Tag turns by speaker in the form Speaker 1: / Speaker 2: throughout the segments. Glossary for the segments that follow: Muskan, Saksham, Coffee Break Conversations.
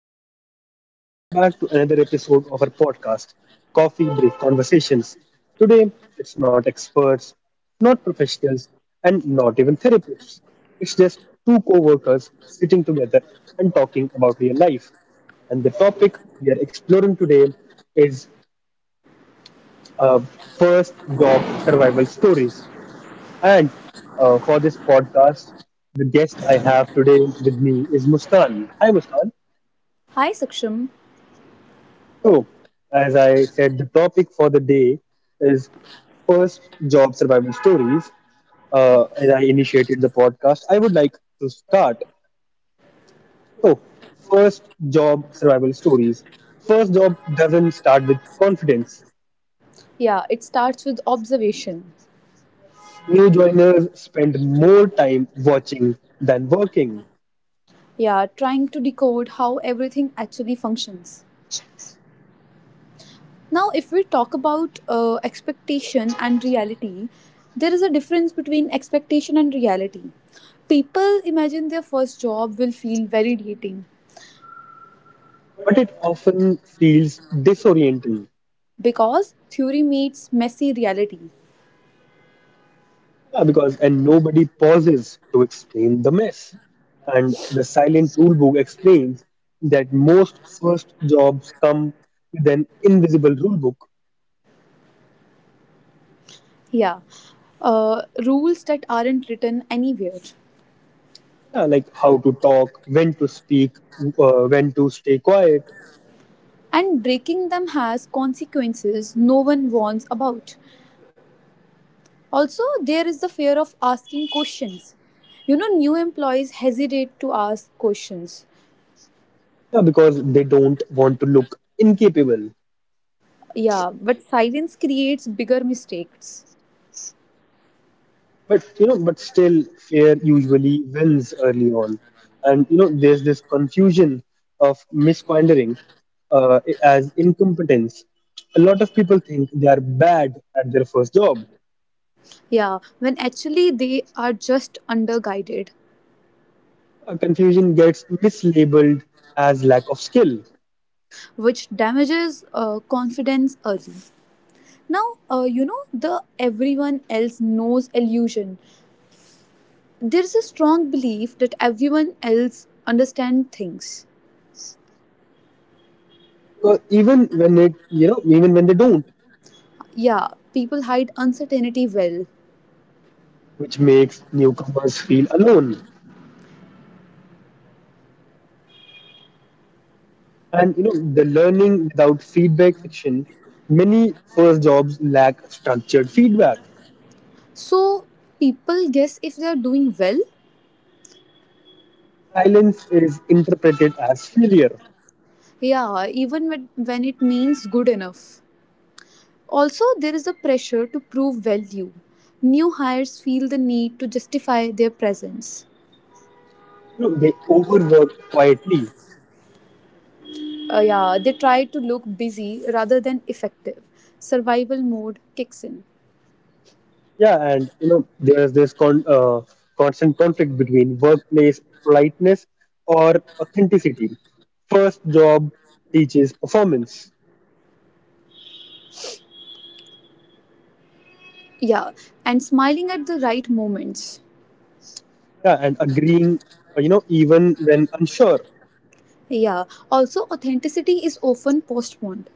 Speaker 1: everyone. Welcome back to another episode of our podcast, Coffee Break Conversations. Today, it's not experts, not professionals, and not even therapists. It's just two co workers sitting together and talking about real life. And the topic we are exploring today is uh, first job survival stories. And For this podcast, the guest I have today with me is Muskan. Hi, Muskan.
Speaker 2: Hi Saksham.
Speaker 1: So, as I said, the topic for the day is first job survival stories. As I initiated the podcast, I would like to start. So, first job survival stories. First job doesn't start with confidence.
Speaker 2: Yeah, it starts with observation.
Speaker 1: New joiners spend more time watching than working,
Speaker 2: Yeah, trying to decode how everything actually functions. Now, if we talk about expectation and reality, there is a difference between expectation and reality. People imagine their first job will feel validating
Speaker 1: but it often feels disorienting.
Speaker 2: because theory meets messy reality.
Speaker 1: Yeah, because and nobody pauses to explain the mess. And the silent rule book explains that most first jobs come with an invisible rule book,
Speaker 2: Yeah, rules that aren't written anywhere.
Speaker 1: yeah, like how to talk, when to speak, when to stay quiet,
Speaker 2: And breaking them has consequences no one warns about. Also, there is the fear of asking questions. You know, new employees hesitate to ask questions.
Speaker 1: yeah, because they don't want to look incapable.
Speaker 2: Yeah, but silence creates bigger mistakes.
Speaker 1: But you know, but still, fear usually wins early on, and you know, there's this confusion of misquandering as incompetence. A lot of people think they are bad at their first job.
Speaker 2: Yeah, when actually they are just underguided,
Speaker 1: A confusion gets mislabeled as lack of skill,
Speaker 2: which damages confidence early. Now, the everyone else knows illusion. There is a strong belief that everyone else understand things.
Speaker 1: even when it, you know, even when they don't,
Speaker 2: Yeah, people hide uncertainty well.
Speaker 1: which makes newcomers feel alone. And you know, the learning without feedback section, many first jobs lack structured feedback
Speaker 2: So people guess if they are doing well.
Speaker 1: silence is interpreted as failure.
Speaker 2: Yeah, even when it means good enough. Also, there is a pressure to prove value. New hires feel the need to justify their presence.
Speaker 1: You know, they overwork quietly.
Speaker 2: Yeah, they try to look busy rather than effective. Survival mode kicks in.
Speaker 1: Yeah, and you know, there's this constant conflict between workplace politeness or authenticity. First job teaches performance.
Speaker 2: Yeah, and smiling at the right moments.
Speaker 1: Yeah, and agreeing, you know, even when unsure.
Speaker 2: Yeah, also, authenticity is often postponed.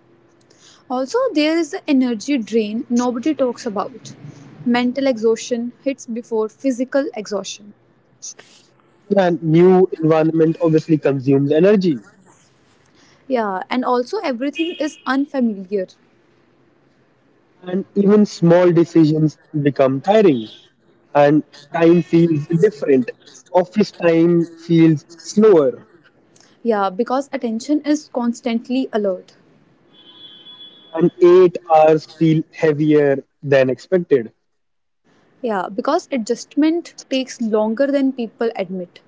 Speaker 2: Also, there is the energy drain nobody talks about. Mental exhaustion hits before physical exhaustion.
Speaker 1: Yeah, and new environment obviously consumes energy,
Speaker 2: Yeah, and also everything is unfamiliar.
Speaker 1: and even small decisions become tiring, and time feels different. Office time feels slower
Speaker 2: Yeah, because attention is constantly alert.
Speaker 1: and 8 hours feel heavier than expected
Speaker 2: Yeah, because adjustment takes longer than people admit.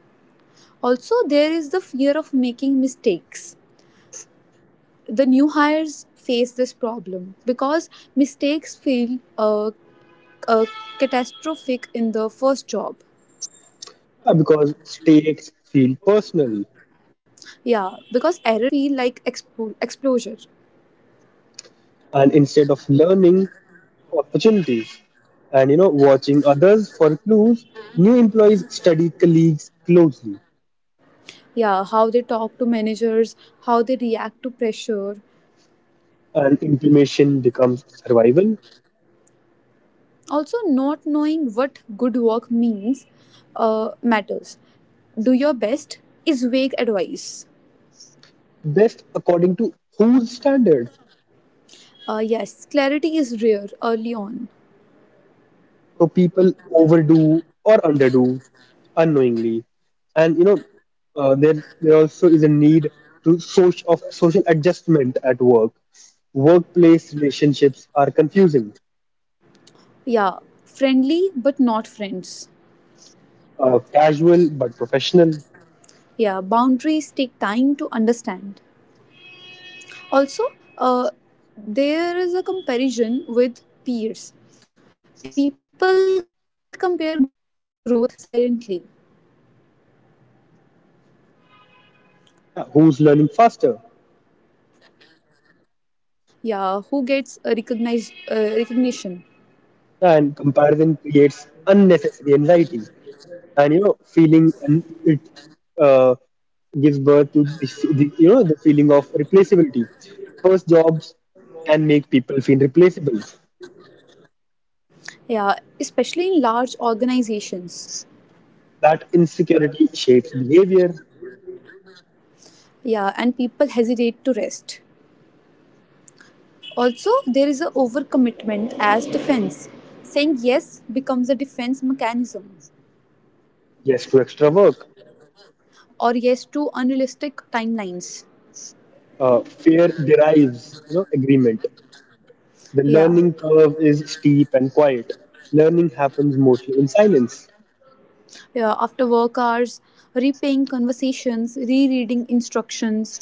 Speaker 2: Also, there is the fear of making mistakes. The new hires face this problem because mistakes feel uh, catastrophic in the first job.
Speaker 1: because stakes feel personal
Speaker 2: Yeah, because error feel like exposure.
Speaker 1: and instead of learning opportunities and you know watching others for clues new employees study colleagues closely
Speaker 2: Yeah, how they talk to managers, how they react to pressure.
Speaker 1: and intimation becomes survival
Speaker 2: Also, not knowing what good work means matters. Do your best is vague advice.
Speaker 1: best according to whose standards.
Speaker 2: Yes, clarity is rare early on.
Speaker 1: So people overdo or underdo unknowingly. And you know, uh, there there also is a need to social of social adjustment at work. Workplace relationships are confusing,
Speaker 2: Yeah, friendly but not friends.
Speaker 1: casual but professional.
Speaker 2: Yeah, boundaries take time to understand. Also, there is a comparison with peers. People compare growth silently.
Speaker 1: Yeah, who's learning faster?
Speaker 2: Yeah, who gets a recognized recognition.
Speaker 1: And comparison creates unnecessary anxiety. And you know feeling and it uh, gives birth to the, the you know the feeling of replaceability. First jobs can make people feel replaceable,
Speaker 2: Yeah, especially in large organizations.
Speaker 1: that insecurity shapes behavior.
Speaker 2: Yeah, and people hesitate to rest. Also, there is a overcommitment as defense. Saying yes becomes a defense mechanism,
Speaker 1: Yes to extra work.
Speaker 2: or yes to unrealistic timelines.
Speaker 1: Fear derives you know agreement. The
Speaker 2: Yeah.
Speaker 1: learning curve is steep and quiet. Learning happens mostly in silence.
Speaker 2: Yeah, after work hours, repaying conversations, rereading instructions.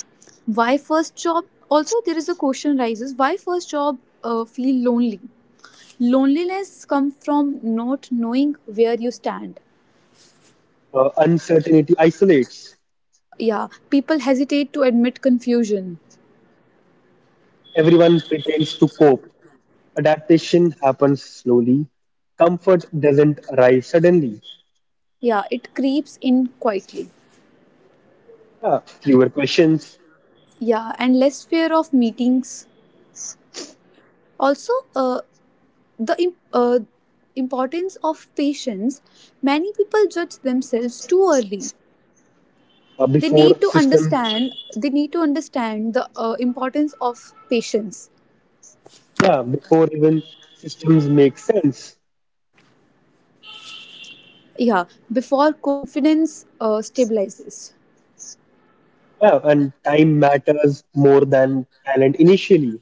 Speaker 2: Why first job Also, there is a question rises, why first job feel lonely. Loneliness comes from not knowing where you stand.
Speaker 1: Uncertainty isolates.
Speaker 2: Yeah, people hesitate to admit confusion.
Speaker 1: Everyone pretends to cope. Adaptation happens slowly. Comfort doesn't arrive suddenly.
Speaker 2: Yeah, it creeps in quietly.
Speaker 1: Yeah, fewer questions.
Speaker 2: Yeah, and less fear of meetings. Also, the im- uh, importance of patience. Many people judge themselves too early. They
Speaker 1: Before
Speaker 2: need to
Speaker 1: systems.
Speaker 2: understand. They need to understand the importance of patience.
Speaker 1: Yeah, before even systems make sense.
Speaker 2: Yeah, before confidence stabilizes.
Speaker 1: Yeah, and time matters more than talent initially.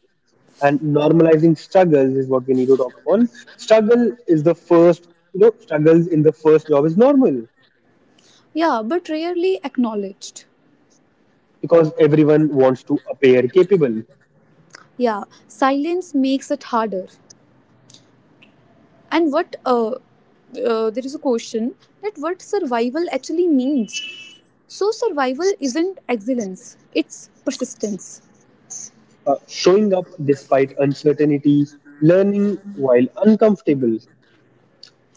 Speaker 1: And normalizing struggles is what we need to talk upon. Struggle is the first, you know, struggles in the first job is normal
Speaker 2: Yeah, but rarely acknowledged.
Speaker 1: because everyone wants to appear capable.
Speaker 2: Yeah, silence makes it harder. And what there is a question that what survival actually means. So survival isn't excellence; it's persistence.
Speaker 1: Showing up despite uncertainty, learning while uncomfortable,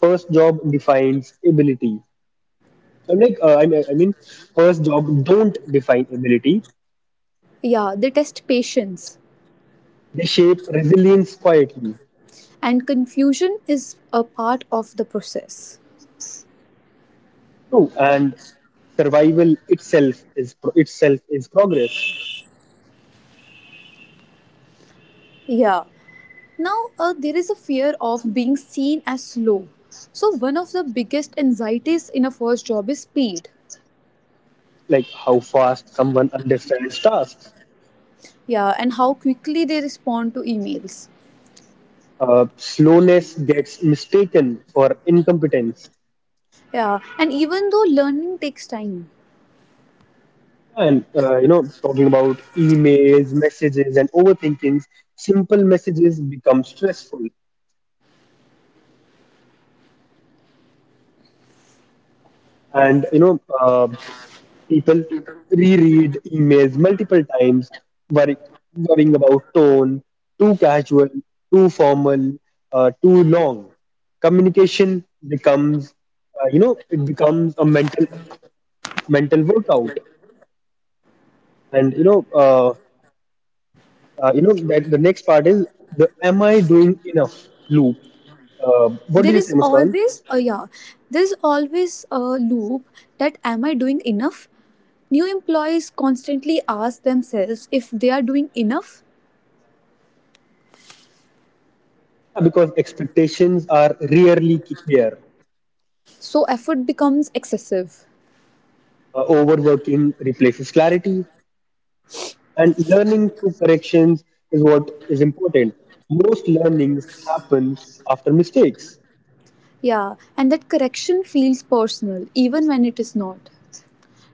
Speaker 1: first job defines ability. I'm like, I mean, first job don't define ability.
Speaker 2: Yeah, they test patience,
Speaker 1: They shape resilience quietly.
Speaker 2: and confusion is a part of the process.
Speaker 1: True, and survival itself is itself is progress.
Speaker 2: Yeah. Now, there is a fear of being seen as slow. So, one of the biggest anxieties in a first job is speed.
Speaker 1: Like how fast someone understands tasks.
Speaker 2: Yeah, and how quickly they respond to emails.
Speaker 1: Slowness gets mistaken for incompetence.
Speaker 2: Yeah, and even though learning takes time,
Speaker 1: And you know, talking about emails, messages, and overthinkings, simple messages become stressful. And people reread emails multiple times, worry, worrying about tone, too casual, too formal, too long. Communication becomes, you know, it becomes a mental workout. And you know that the next part is the "Am I doing enough?" loop. What
Speaker 2: there
Speaker 1: do you
Speaker 2: is
Speaker 1: say, Muskan?
Speaker 2: always a yeah, there's always a loop that am I doing enough? New employees constantly ask themselves if they are doing enough,
Speaker 1: Yeah, because expectations are rarely clear.
Speaker 2: so effort becomes excessive.
Speaker 1: Overworking replaces clarity. And learning through corrections is what is important. Most learnings happen after mistakes.
Speaker 2: Yeah, and that correction feels personal even when it is not.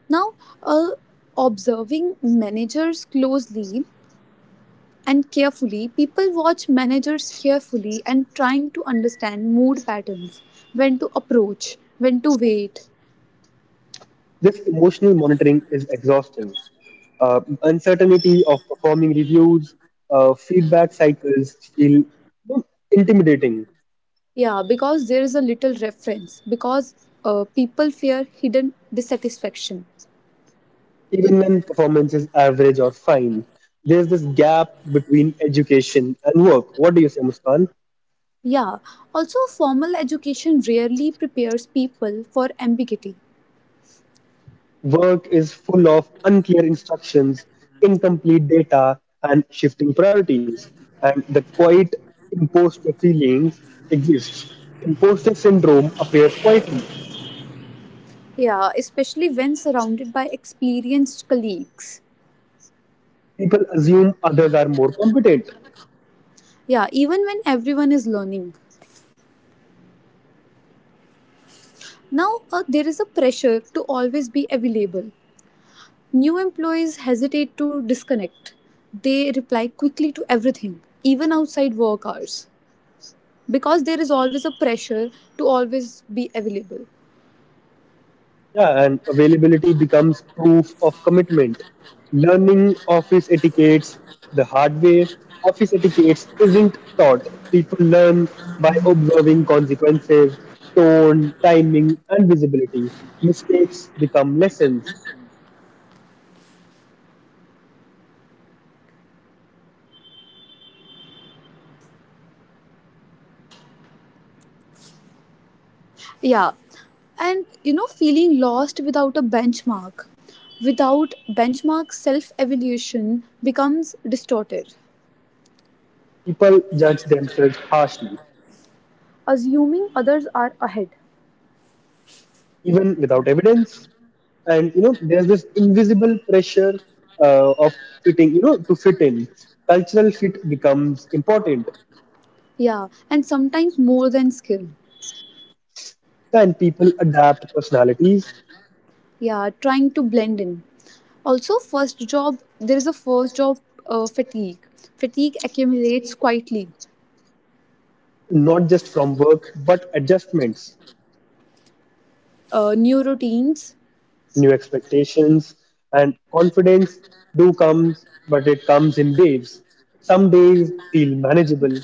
Speaker 2: Now, uh, observing managers closely and carefully, people watch managers carefully and trying to understand mood patterns, when to approach, when to wait.
Speaker 1: This emotional monitoring is exhausting. Uncertainty of performing reviews, feedback cycles feel intimidating,
Speaker 2: Yeah, because there is a little reference, because people fear hidden dissatisfaction.
Speaker 1: even when performance is average or fine. There's this gap between education and work. What do you say, Muskan?
Speaker 2: Yeah, also formal education rarely prepares people for ambiguity.
Speaker 1: Work is full of unclear instructions, incomplete data, and shifting priorities. And the quiet imposter feelings exists. Imposter syndrome appears quietly.
Speaker 2: Yeah, especially when surrounded by experienced colleagues.
Speaker 1: People assume others are more competent.
Speaker 2: Yeah, even when everyone is learning. Now, there is a pressure to always be available. New employees hesitate to disconnect. They reply quickly to everything, even outside work hours, because there is always a pressure to always be available.
Speaker 1: Yeah, and availability becomes proof of commitment. Learning office etiquettes the hard way. Office etiquettes isn't taught. People learn by observing consequences, tone, timing, and visibility. Mistakes become lessons.
Speaker 2: Yeah, and you know, feeling lost without a benchmark, without benchmark self evaluation becomes distorted,
Speaker 1: People judge themselves harshly,
Speaker 2: assuming others are ahead.
Speaker 1: even without evidence. And you know there's this invisible pressure of fitting you know to fit in. Cultural fit becomes important,
Speaker 2: Yeah, and sometimes more than skill.
Speaker 1: and people adapt personalities
Speaker 2: Yeah, trying to blend in. Also, first job there is a first job fatigue Fatigue accumulates quietly,
Speaker 1: not just from work but adjustments,
Speaker 2: new routines.
Speaker 1: new expectations. And confidence do comes but it comes in waves, some days feel manageable.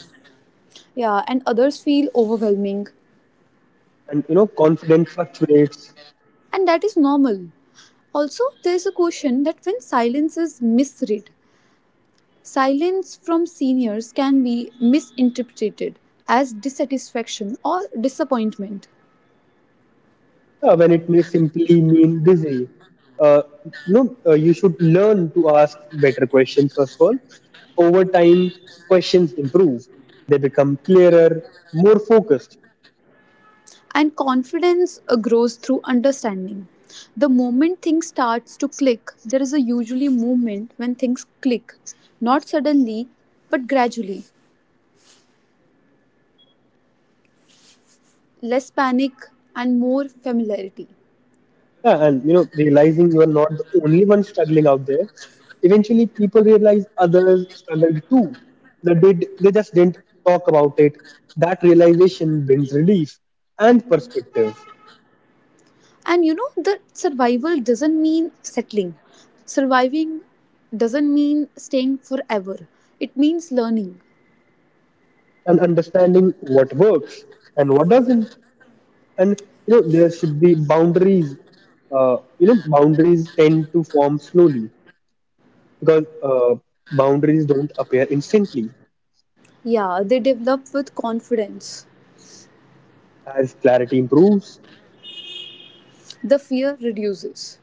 Speaker 2: Yeah, and others feel overwhelming,
Speaker 1: And you know confidence fluctuates
Speaker 2: and that is normal. Also, there is a question that when silence is misread, silence from seniors can be misinterpreted as dissatisfaction or disappointment.
Speaker 1: when it may simply mean busy. You should learn to ask better questions first of all. Over time questions improve, they become clearer, more focused.
Speaker 2: And confidence grows through understanding. The moment things starts to click, there is a usually movement when things click, not suddenly, but gradually. Less panic and more familiarity.
Speaker 1: Yeah, and you know, realizing you are not the only one struggling out there, eventually people realize others struggled too. They did, they just didn't talk about it. That realization brings relief and perspective
Speaker 2: And you know the survival doesn't mean settling. Surviving doesn't mean staying forever. It means learning.
Speaker 1: and understanding what works and what doesn't. And you know, there should be boundaries. You know, boundaries tend to form slowly because boundaries don't appear instantly.
Speaker 2: Yeah, they develop with confidence.
Speaker 1: As clarity improves,
Speaker 2: The fear reduces.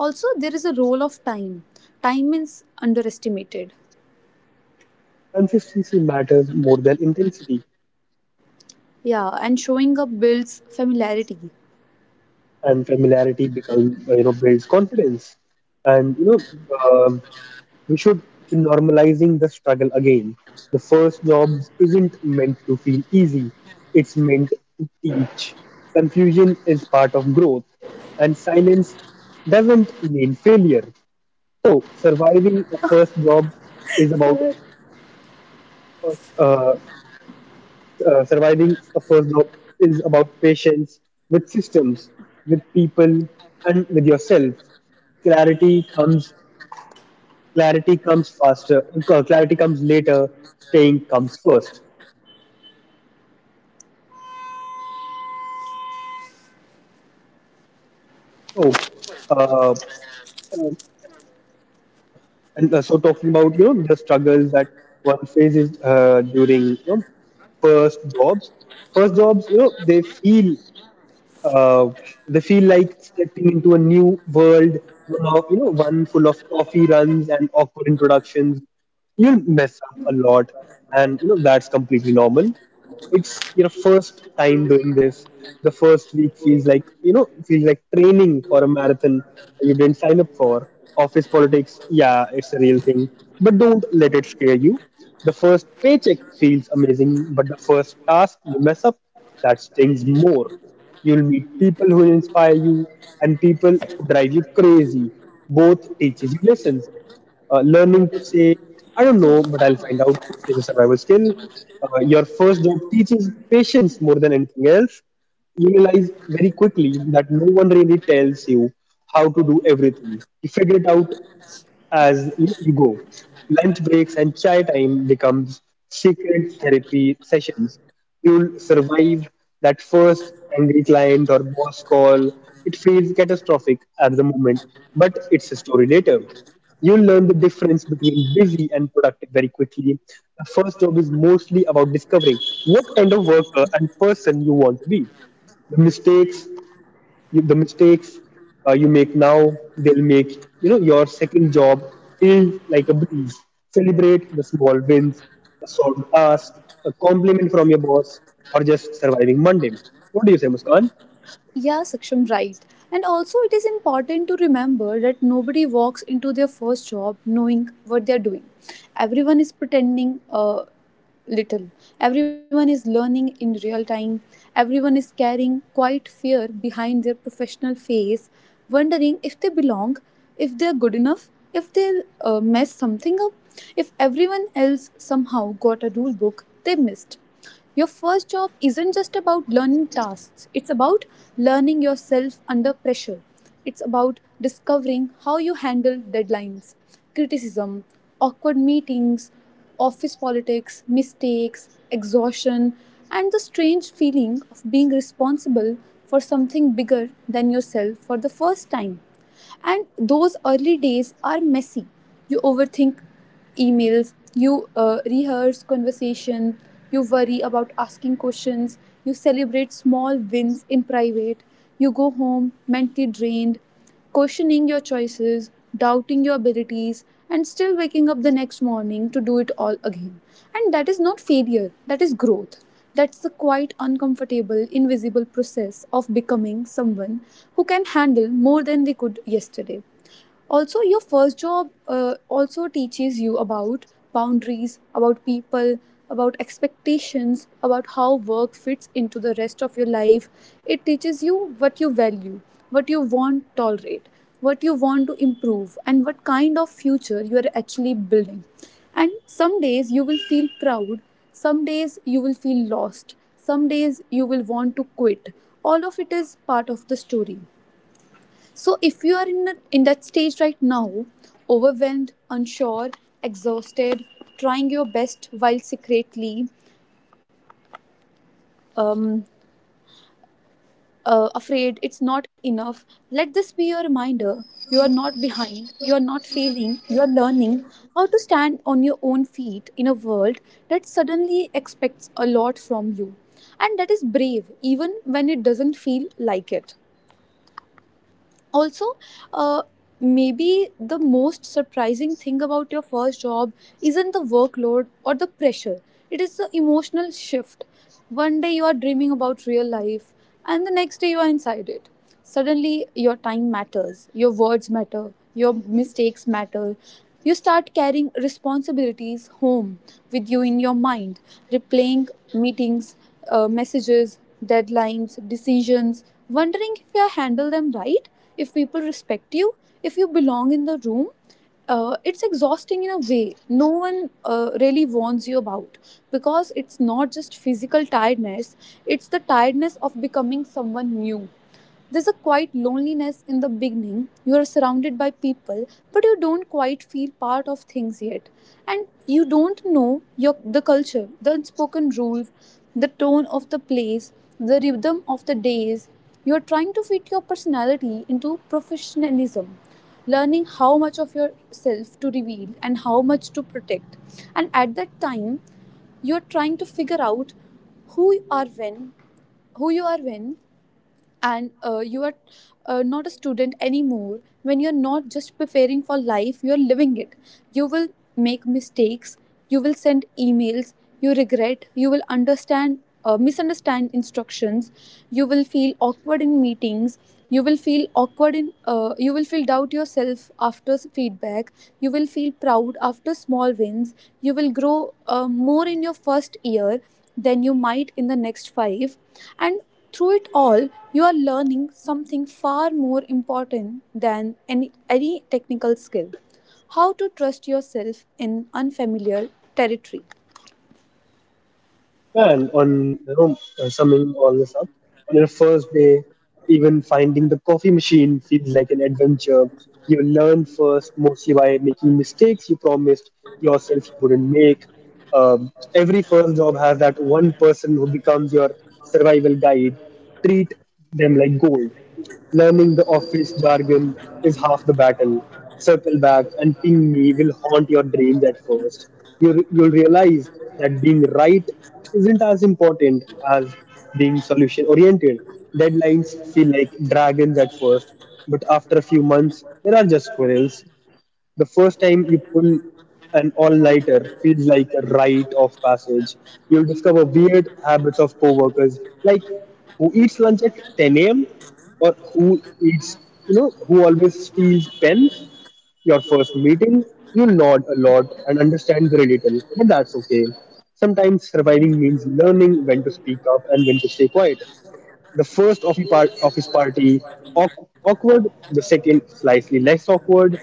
Speaker 2: Also, there is a role of time. Time is underestimated.
Speaker 1: consistency matters more than intensity
Speaker 2: Yeah, and showing up builds familiarity.
Speaker 1: and familiarity becomes you know builds confidence. And you know um we should be normalizing the struggle again. The first jobs isn't meant to feel easy, it's meant to teach. Confusion is part of growth and silence doesn't mean failure. So surviving a first job is about
Speaker 2: Sir.
Speaker 1: uh, surviving a first job is about patience with systems, with people, and with yourself. Clarity comes clarity comes faster. Clarity comes later. Staying comes first. So, uh, uh, and so talking about you know the struggles that one faces during you know, first jobs. First jobs, you know, uh, they feel like stepping into a new world, full of, you know, one full of coffee runs and awkward introductions. You'll mess up a lot, and you know that's completely normal, it's your first time doing this. The first week feels like you know feels like training for a marathon you didn't sign up for. Office politics, yeah, it's a real thing, but don't let it scare you. The first paycheck feels amazing but the first task you mess up, that stings more. You'll meet people who inspire you and people who drive you crazy, both teaches you lessons. Learning to say, I don't know, but I'll find out is a survival skill. Your first job teaches patience more than anything else. You realize very quickly that no one really tells you how to do everything. You figure it out as you go. Lunch breaks and chai time becomes secret therapy sessions. You'll survive that first angry client or boss call. It feels catastrophic at the moment, but it's a story later. You'll learn the difference between busy and productive very quickly. The first job is mostly about discovering what kind of worker and person you want to be. the mistakes the mistakes you make now, they'll make you know your second job feel like a breeze. Celebrate the small wins, a solved task, a compliment from your boss, or just surviving Monday. What do you say, Muskan?
Speaker 2: Yeah, Saksham, right. And also, it is important to remember that nobody walks into their first job knowing what they're doing. Everyone is pretending a little, everyone is learning in real time, everyone is carrying quite fear behind their professional face, wondering if they belong, if they're good enough, if they'll mess something up. If everyone else somehow got a rule book they missed, your first job isn't just about learning tasks, it's about learning yourself under pressure. It's about discovering how you handle deadlines, criticism, awkward meetings, office politics, mistakes, exhaustion, and the strange feeling of being responsible for something bigger than yourself for the first time. And those early days are messy. You overthink emails, you rehearse conversation, you worry about asking questions, you celebrate small wins in private, you go home mentally drained, questioning your choices, doubting your abilities, and still waking up the next morning to do it all again. And that is not failure, that is growth. That's the quite uncomfortable, invisible process of becoming someone who can handle more than they could yesterday. Also, your first job also teaches you about boundaries, about people, about expectations, about how work fits into the rest of your life. It teaches you what you value, what you want to tolerate, what you want to improve, and what kind of future you are actually building. And some days you will feel proud, some days you will feel lost, some days you will want to quit. All of it is part of the story. So if you are in that stage right now, overwhelmed, unsure, exhausted, trying your best while secretly um, afraid it's not enough, let this be your reminder. You are not behind. You are not failing. You are learning how to stand on your own feet in a world that suddenly expects a lot from you. And that is brave, even when it doesn't feel like it. Also, uh, maybe the most surprising thing about your first job isn't the workload or the pressure, it is the emotional shift. One day you are dreaming about real life, and the next day you are inside it. Suddenly your time matters, your words matter, your mistakes matter. You start carrying responsibilities home with you in your mind, replaying meetings, messages, deadlines, decisions, wondering if you handle them right, if people respect you, if you belong in the room. It's exhausting in a way no one really warns you about, because it's not just physical tiredness, it's the tiredness of becoming someone new. There's a quite loneliness in the beginning. You are surrounded by people, but you don't quite feel part of things yet. And you don't know your the culture, the unspoken rules, the tone of the place, the rhythm of the days. You're trying to fit your personality into professionalism, learning how much of yourself to reveal and how much to protect. And at that time, you're trying to figure out who you are when, who you are when and you are not a student anymore, when you're not just preparing for life, you're living it. You will make mistakes, you will send emails you regret, you will understand misunderstand instructions, you will feel awkward in meetings, you will feel awkward in you will feel doubt yourself after feedback, you will feel proud after small wins. You will grow more in your first year than you might in the next five, and through it all, you are learning something far more important than any technical skill: how to trust yourself in unfamiliar territory.
Speaker 1: And on you know, summing all this up, on your first day, even finding the coffee machine feels like an adventure. You learn first mostly by making mistakes you promised yourself you wouldn't make. Every first job has that one person who becomes your survival guide. Treat them like gold. Learning the office jargon is half the battle. Circle back and ping me will haunt your dreams at first. You'll realize that being right isn't as important as being solution oriented. Deadlines feel like dragons at first, but after a few months, there are just squirrels. The first time you pull an all nighter feels like a rite of passage. You'll discover weird habits of coworkers, like who eats lunch at 10 a.m. or who eats, you know, who always steals pens. Your first meeting, you nod a lot and understand very little, but that's okay. Sometimes surviving means learning when to speak up and when to stay quiet. The first of, he part, of his party, awkward, the second, slightly less awkward.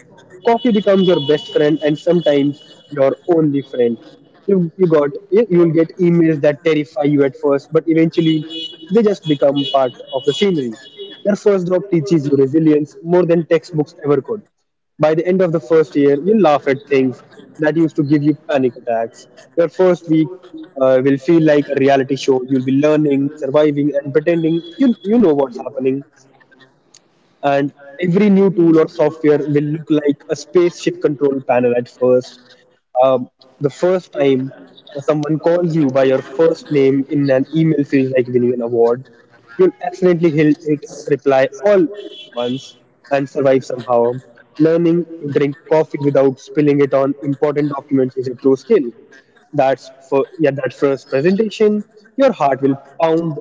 Speaker 1: Coffee becomes your best friend and sometimes your only friend. You'll get emails that terrify you at first, but eventually they just become part of the scenery. Their first drop teaches you resilience more than textbooks ever could. By the end of the first year, you laugh at things that used to give you panic attacks. Your first week will feel like a reality show. You'll be learning, surviving, and pretending you you know what's happening. And every new tool or software will look like a spaceship control panel at first. um, the first time someone calls you by your first name in an email feels like winning an award. You'll accidentally hit reply all once and survive somehow. Learning to drink coffee without spilling it on important documents is a true skill. That's for yeah, that first presentation, your heart will pound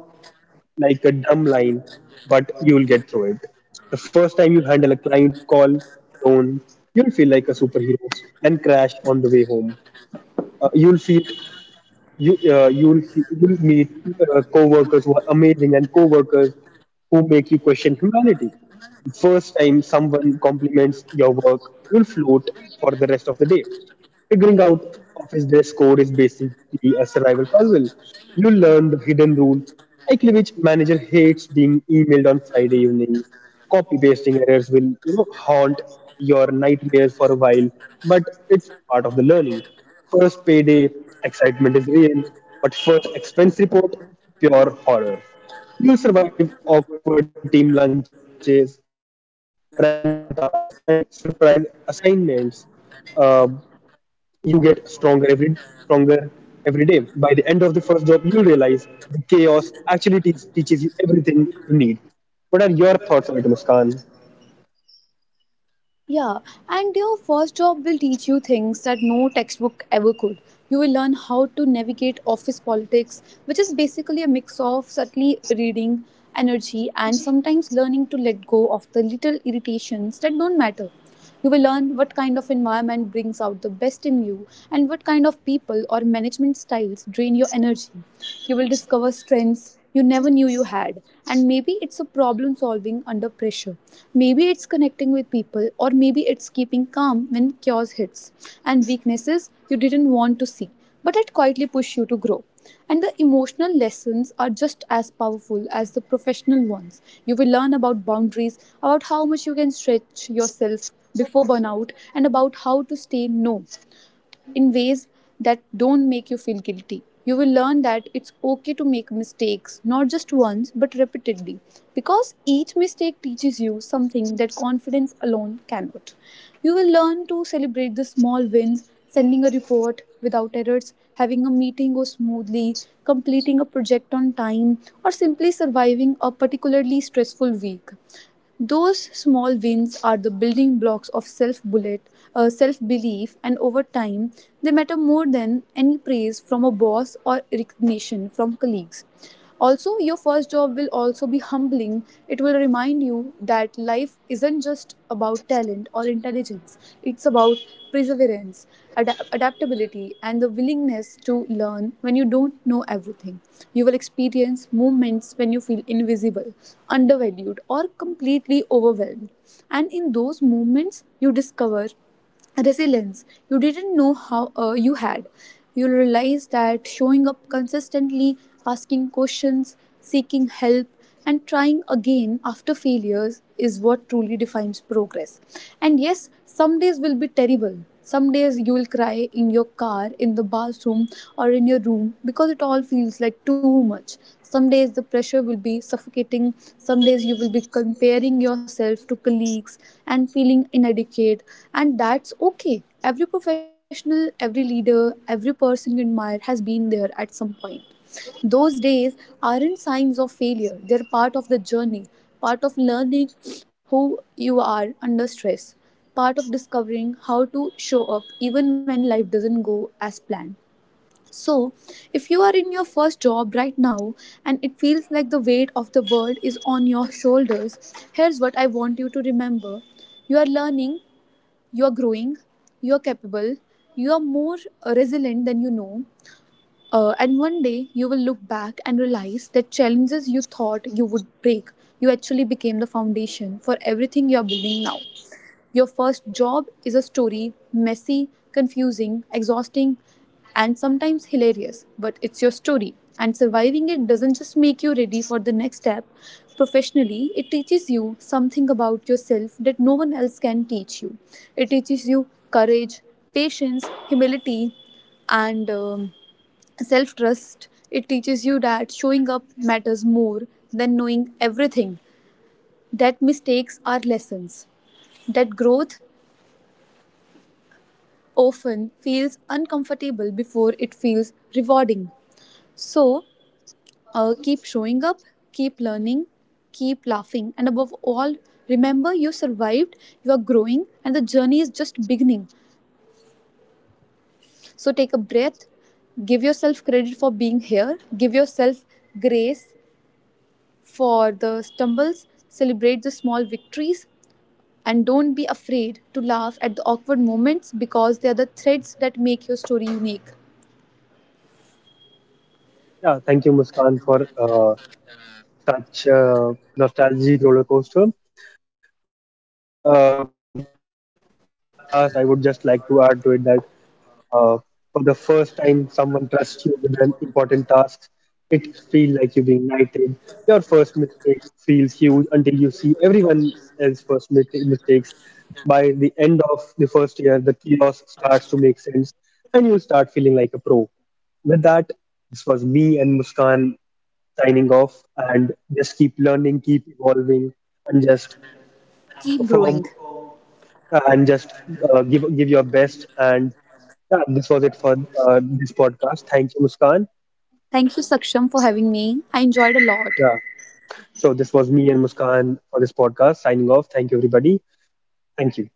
Speaker 1: like a dumb line, but you'll get through it. The first time you handle a client call alone, you'll feel like a superhero and crash on the way home. You'll see it you you'll see You'll meet co-workers who are amazing and co-workers who make you question humanity. The first time someone compliments your work, you'll float for the rest of the day. Figuring out office dress code is basically a survival puzzle. You learn the hidden rule, likely which manager hates being emailed on Friday evenings. Copy pasting errors will, you know, haunt your nightmares for a while, but it's part of the learning. First payday, excitement is real, but first expense report, pure horror. You'll survive awkward team lunches, random tasks, and surprise assignments. Uh, you get stronger every day. By the end of the first job, you'll realize the chaos actually teaches you everything you need. What are your thoughts on it, Muskan?
Speaker 2: Yeah, and your first job will teach you things that no textbook ever could. You will learn how to navigate office politics, which is basically a mix of subtly reading, energy, and sometimes learning to let go of the little irritations that don't matter. You will learn what kind of environment brings out the best in you and what kind of people or management styles drain your energy. You will discover strengths you never knew you had, and maybe it's a problem solving under pressure. Maybe it's connecting with people, or maybe it's keeping calm when chaos hits, and weaknesses you didn't want to see but it quietly pushes you to grow. And the emotional lessons are just as powerful as the professional ones. You will learn about boundaries, about how much you can stretch yourself before burnout, and about how to stay no in ways that don't make you feel guilty. You will learn that it's okay to make mistakes, not just once, but repeatedly, because each mistake teaches you something that confidence alone cannot. You will learn to celebrate the small wins, sending a report without errors, having a meeting go smoothly, completing a project on time, or simply surviving a particularly stressful week. Those small wins are the building blocks of self-belief, and over time, they matter more than any praise from a boss or recognition from colleagues. Also, your first job will also be humbling. It will remind you that life isn't just about talent or intelligence. It's about perseverance, adaptability, and the willingness to learn when you don't know everything. You will experience moments when you feel invisible, undervalued, or completely overwhelmed. And in those moments, you discover resilience you didn't know how you had. You realize that showing up consistently, asking questions, seeking help, and trying again after failures is what truly defines progress. And yes, some days will be terrible. Some days you will cry in your car, in the bathroom, or in your room because it all feels like too much. Some days the pressure will be suffocating. Some days you will be comparing yourself to colleagues and feeling inadequate. And that's okay. Every professional, every leader, every person you admire has been there at some point. Those days aren't signs of failure, they're part of the journey, part of learning who you are under stress, part of discovering how to show up even when life doesn't go as planned. So, if you are in your first job right now and it feels like the weight of the world is on your shoulders, here's what I want you to remember: you are learning, you are growing, you are capable, you are more resilient than you know, and one day you will look back and realize that challenges you thought you would break, you actually became the foundation for everything you are building now. Your first job is a story, messy, confusing, exhausting, and sometimes hilarious, but it's your story. And surviving it doesn't just make you ready for the next step professionally, it teaches you something about yourself that no one else can teach you. It teaches you courage, patience, humility, and self trust. It teaches you that showing up matters more than knowing everything, that mistakes are lessons, that growth often feels uncomfortable before it feels rewarding. So, keep showing up, keep learning, keep laughing, and above all, remember: you survived, you are growing, and the journey is just beginning. So, take a breath, give yourself credit for being here, give yourself grace for the stumbles, celebrate the small victories, and don't be afraid to laugh at the awkward moments because they are the threads that make your story unique.
Speaker 1: Yeah, thank you, Muskan, for such nostalgic roller coaster. Uh, so at last, I would just like to add to it that uh, for the first time someone trusts you with an important task, it feels like you're being knighted. Your first mistake feels huge until you see everyone else's mistakes. By the end of the first year the chaos starts to make sense and you'll start feeling like a pro. With that, this was me and Muskan signing off, and just keep learning, keep evolving, and just
Speaker 2: Keep growing.
Speaker 1: perform, and just give your best. And yeah, this was it for this podcast. Thank you, Muskan.
Speaker 2: Thank you, Saksham, for having me. I enjoyed a lot.
Speaker 1: Yeah. So this was me and Muskan for this podcast. Signing off. Thank you, everybody. Thank you.